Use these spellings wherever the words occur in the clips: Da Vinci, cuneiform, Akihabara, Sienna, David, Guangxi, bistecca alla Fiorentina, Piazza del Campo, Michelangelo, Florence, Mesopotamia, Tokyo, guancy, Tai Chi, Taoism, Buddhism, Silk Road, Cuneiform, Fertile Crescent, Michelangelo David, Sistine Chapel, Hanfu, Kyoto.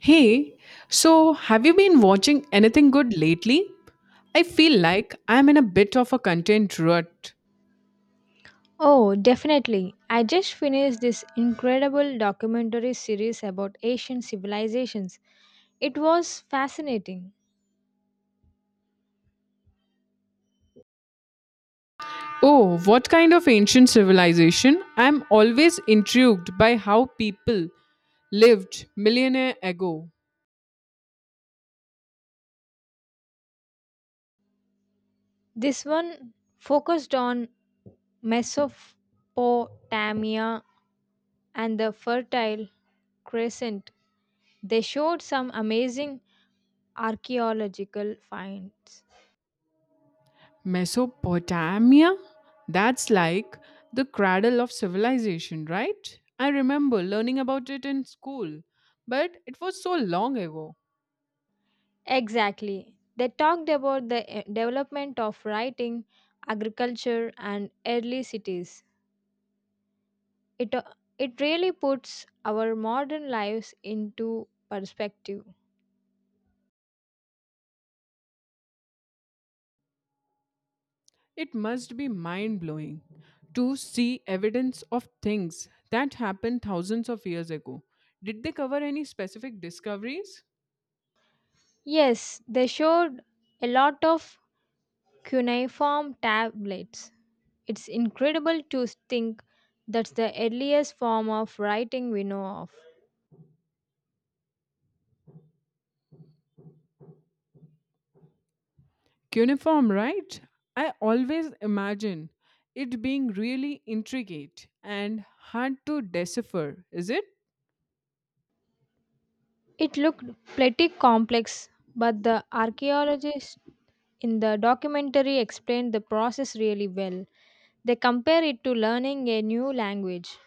Hey, so have you been watching anything good lately? I feel like I'm in a bit of a content rut. Oh, definitely. I just finished this incredible documentary series about Asian civilizations. It was fascinating. Oh, what kind of ancient civilization? I'm always intrigued by how people lived millionaire ago. This one focused on Mesopotamia and the Fertile Crescent. They showed some amazing archaeological finds. Mesopotamia? That's like the cradle of civilization, right? I remember learning about it in school, but it was so long ago. Exactly. They talked about the development of writing, agriculture, and early cities. It, uh, it really puts our modern lives into perspective. It must be mind blowing to see evidence of things that happened thousands of years ago. Did they cover any specific discoveries? Yes, they showed a lot of cuneiform tablets. It's incredible to think that's the earliest form of writing we know of. Cuneiform, right? I always imagine it being really intricate and hard to decipher, is it? It looked pretty complex, but the archaeologists in the documentary explained the process really well. They compare it to learning a new language.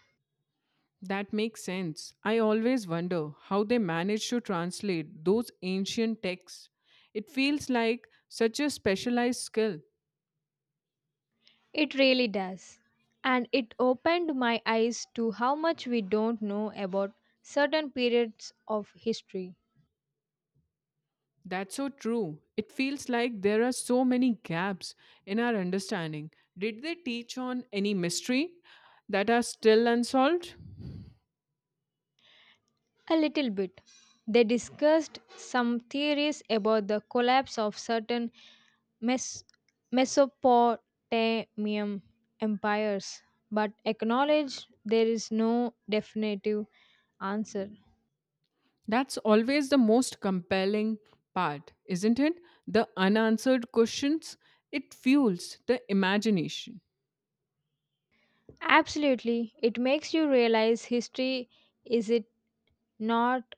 That makes sense. I always wonder how they managed to translate those ancient texts. It feels like such a specialized skill. It really does. And it opened my eyes to how much we don't know about certain periods of history. That's so true. It feels like there are so many gaps in our understanding. Did they teach on any mystery that are still unsolved? A little bit. They discussed some theories about the collapse of certain Mes- Mesopotamian empires, but acknowledged there is no definitive answer. That's always the most compelling part, isn't it? The unanswered questions, it fuels the imagination. Absolutely, it makes you realize history is it not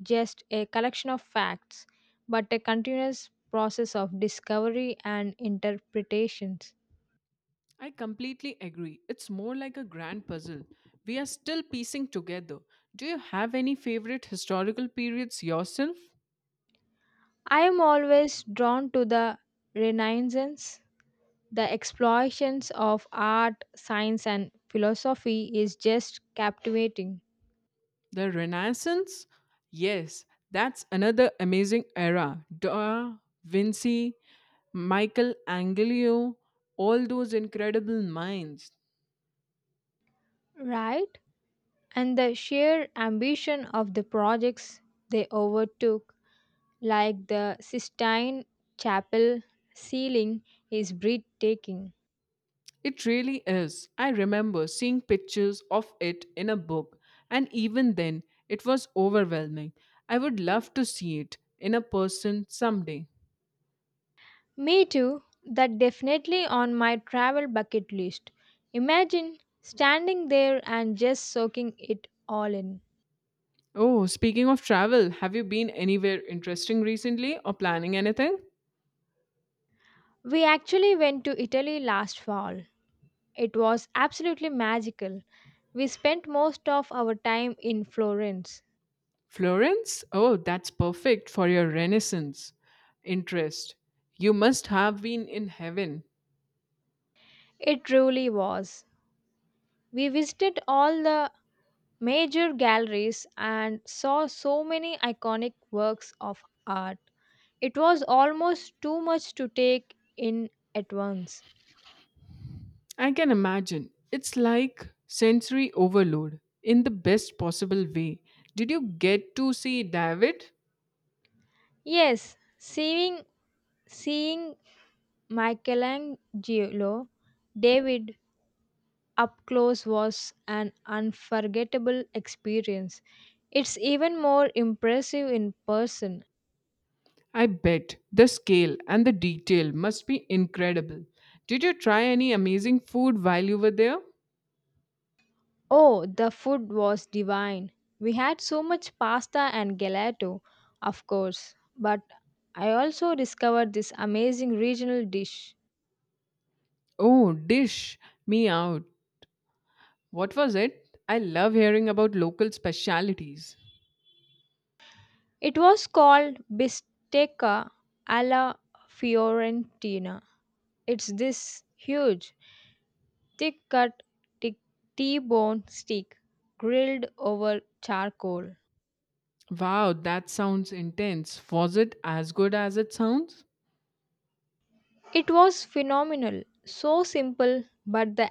just a collection of facts, but a continuous process of discovery and interpretations. I completely agree. It's more like a grand puzzle. We are still piecing together. Do you have any favorite historical periods yourself? I am always drawn to the Renaissance. The explorations of art, science, and philosophy is just captivating, The Renaissance? Yes, that's another amazing era. Da Vinci, Michelangelo, all those incredible minds. right? And the sheer ambition of the projects they overtook, like the Sistine Chapel ceiling, is breathtaking. It really is. I remember seeing pictures of it in a book, and even then, it was overwhelming. I would love to see it in a person someday. Me too. That definitely on my travel bucket list. Imagine standing there and just soaking it all in. Oh, speaking of travel, have you been anywhere interesting recently or planning anything? We actually went to Italy last fall. It was absolutely magical. We spent most of our time in Florence. Florence? Oh, that's perfect for your Renaissance interest. You must have been in heaven. It truly was. We visited all the major galleries and saw so many iconic works of art. It was almost too much to take in at once. I can imagine. It's like sensory overload in the best possible way. Did you get to see David? Yes, seeing Michelangelo David up close was an unforgettable experience. It's even more impressive in person. I bet the scale and the detail must be incredible. Did you try any amazing food while you were there? Oh, the food was divine. We had so much pasta and gelato, of course, but I also discovered this amazing regional dish. Oh, dish me out. What was it? I love hearing about local specialities. It was called bistecca alla Fiorentina. It's this huge, thick cut T bone steak grilled over charcoal. Wow, that sounds intense. Was it as good as it sounds? It was phenomenal, so simple, but the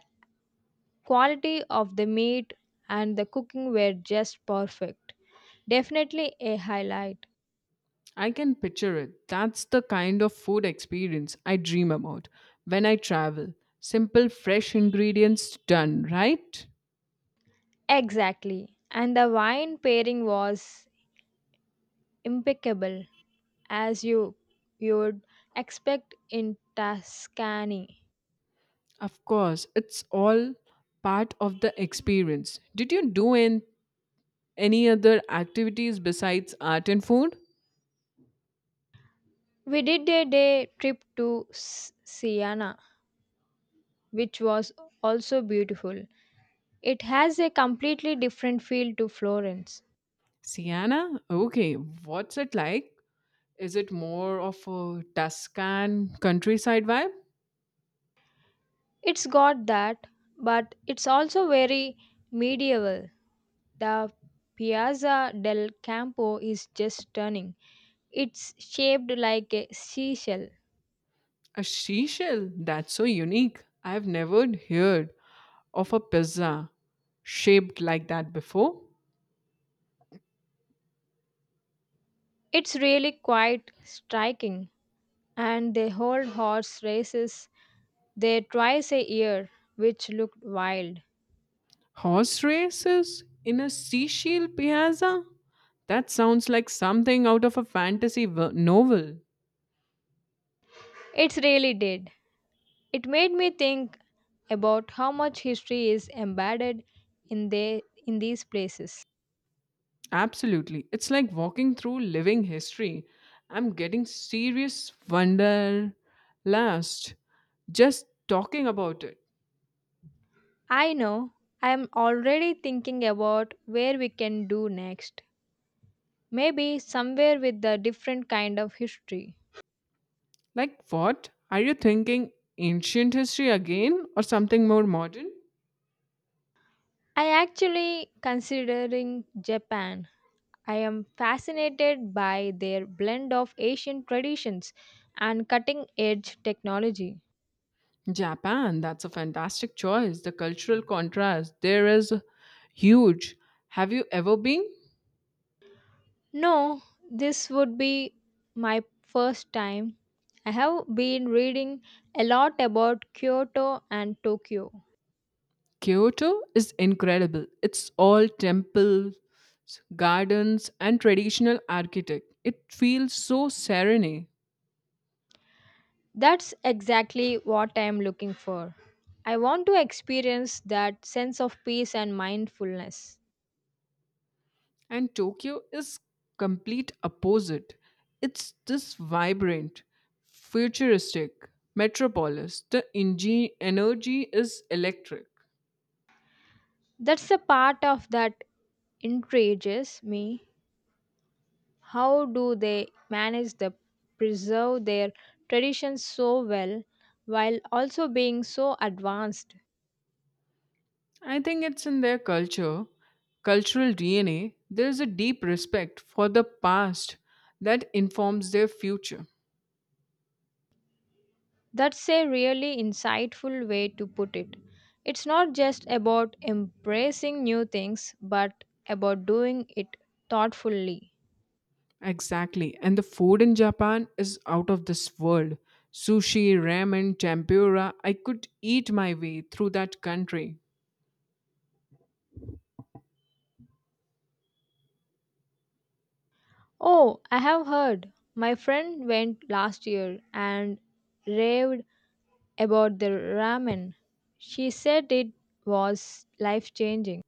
quality of the meat and the cooking were just perfect. Definitely a highlight. I can picture it. That's the kind of food experience I dream about when I travel. Simple, fresh ingredients done, right? Exactly. And the wine pairing was impeccable, as you'd expect in Tuscany. Of course, it's all part of the experience. Did you do any other activities besides art and food? We did a day trip to Siena, which was also beautiful. It has a completely different feel to Florence. Sienna? Okay, what's it like? Is it more of a Tuscan countryside vibe? It's got that, but it's also very medieval. The Piazza del Campo is just stunning. It's shaped like a seashell. A seashell? That's so unique. I've never heard of a pizza shaped like that before. It's really quite striking, and they hold horse races there twice a year, which looked wild. Horse races in a seashell piazza? That sounds like something out of a fantasy novel. It really did. It made me think about how much history is embedded in these places. Absolutely. It's like walking through living history. I'm getting serious wonder last just talking about it. I know I am already thinking about where we can do next. Maybe somewhere with a different kind of history. Like, what? Are you thinking ancient history again or something more modern? I actually considering Japan. I am fascinated by their blend of Asian traditions and cutting edge technology. Japan, that's a fantastic choice. The cultural contrast there is huge. Have you ever been? No, this would be my first time. I have been reading a lot about Kyoto and Tokyo. Kyoto is incredible. It's all temples, gardens, and traditional architect. It feels so serene. That's exactly what I am looking for. I want to experience that sense of peace and mindfulness. And Tokyo is complete opposite. It's this vibrant, futuristic metropolis. The energy is electric. That's the part of that intrigues me. How do they manage to preserve their traditions so well while also being so advanced? I think it's in their culture, cultural DNA, there is a deep respect for the past that informs their future. That's a really insightful way to put it. It's not just about embracing new things, but about doing it thoughtfully. Exactly. And the food in Japan is out of this world. Sushi, ramen, tempura, I could eat my way through that country. Oh, I have heard. My friend went last year and raved about the ramen. She said it was life changing.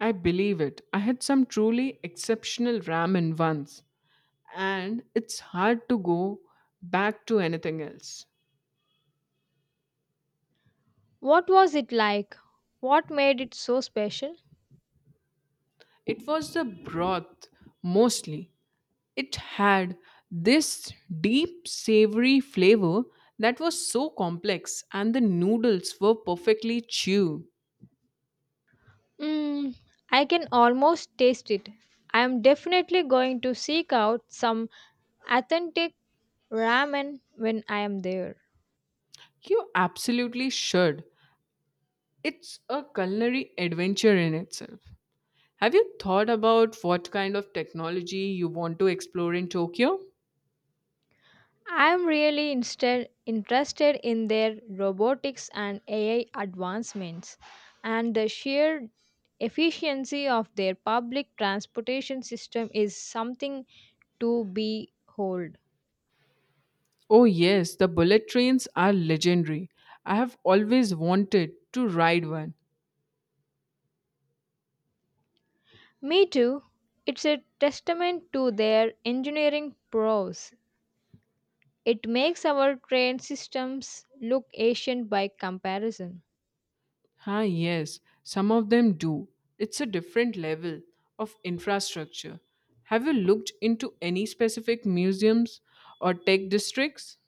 I believe it. I had some truly exceptional ramen once, and it's hard to go back to anything else. What was it like? What made it so special? It was the broth mostly. It had this deep, savory flavor that was so complex, and the noodles were perfectly chew. Mm, I can almost taste it. I am definitely going to seek out some authentic ramen when I am there. You absolutely should. It's a culinary adventure in itself. Have you thought about what kind of technology you want to explore in Tokyo? I am really instead interested in their robotics and AI advancements, and the sheer efficiency of their public transportation system is something to behold. Oh, yes, the bullet trains are legendary. I have always wanted to ride one. Me too. It's a testament to their engineering prowess. It makes our train systems look ancient by comparison. Ah, yes, some of them do. It's a different level of infrastructure. Have you looked into any specific museums or tech districts?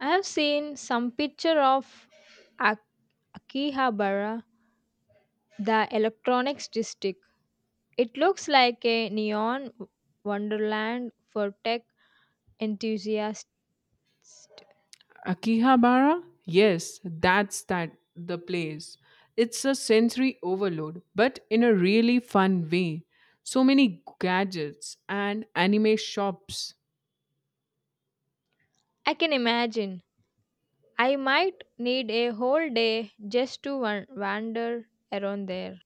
I have seen some picture of A- Akihabara, the electronics district. It looks like a neon wonderland for tech enthusiasts. Akihabara? Yes, that's that the place. It's a sensory overload, but in a really fun way. So many gadgets and anime shops. I can imagine. I might need a whole day just to wander around there.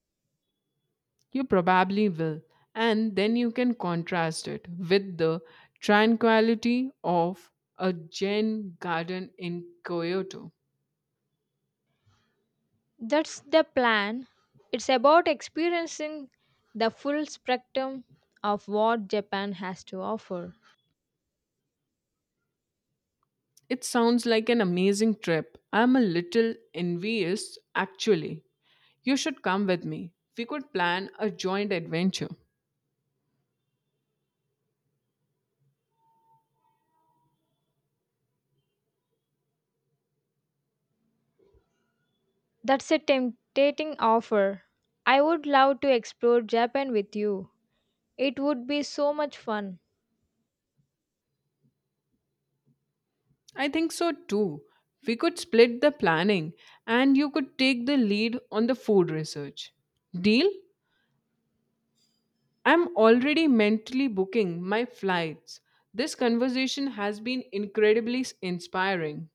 You probably will. And then you can contrast it with the tranquility of a Zen garden in Kyoto. That's the plan. It's about experiencing the full spectrum of what Japan has to offer. It sounds like an amazing trip. I'm a little envious, actually. You should come with me. We could plan a joint adventure. That's a tempting offer. I would love to explore Japan with you. It would be so much fun. I think so too. We could split the planning and you could take the lead on the food research. Deal? I'm already mentally booking my flights. This conversation has been incredibly inspiring.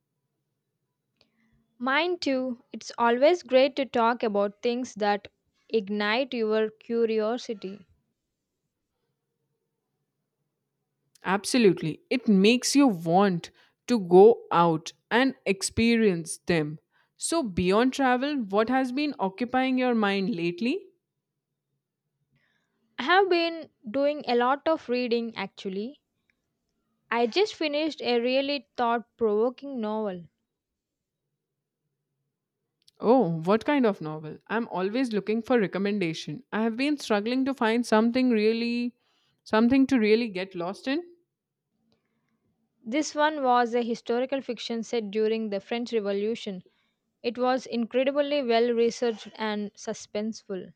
Mine too. It's always great to talk about things that ignite your curiosity. Absolutely. It makes you want to go out and experience them. So, beyond travel, what has been occupying your mind lately? I have been doing a lot of reading actually. I just finished a really thought provoking novel. Oh, what kind of novel? I'm always looking for recommendation. I have been struggling to find something to really get lost in. This one was a historical fiction set during the French Revolution. It was incredibly well researched and suspenseful.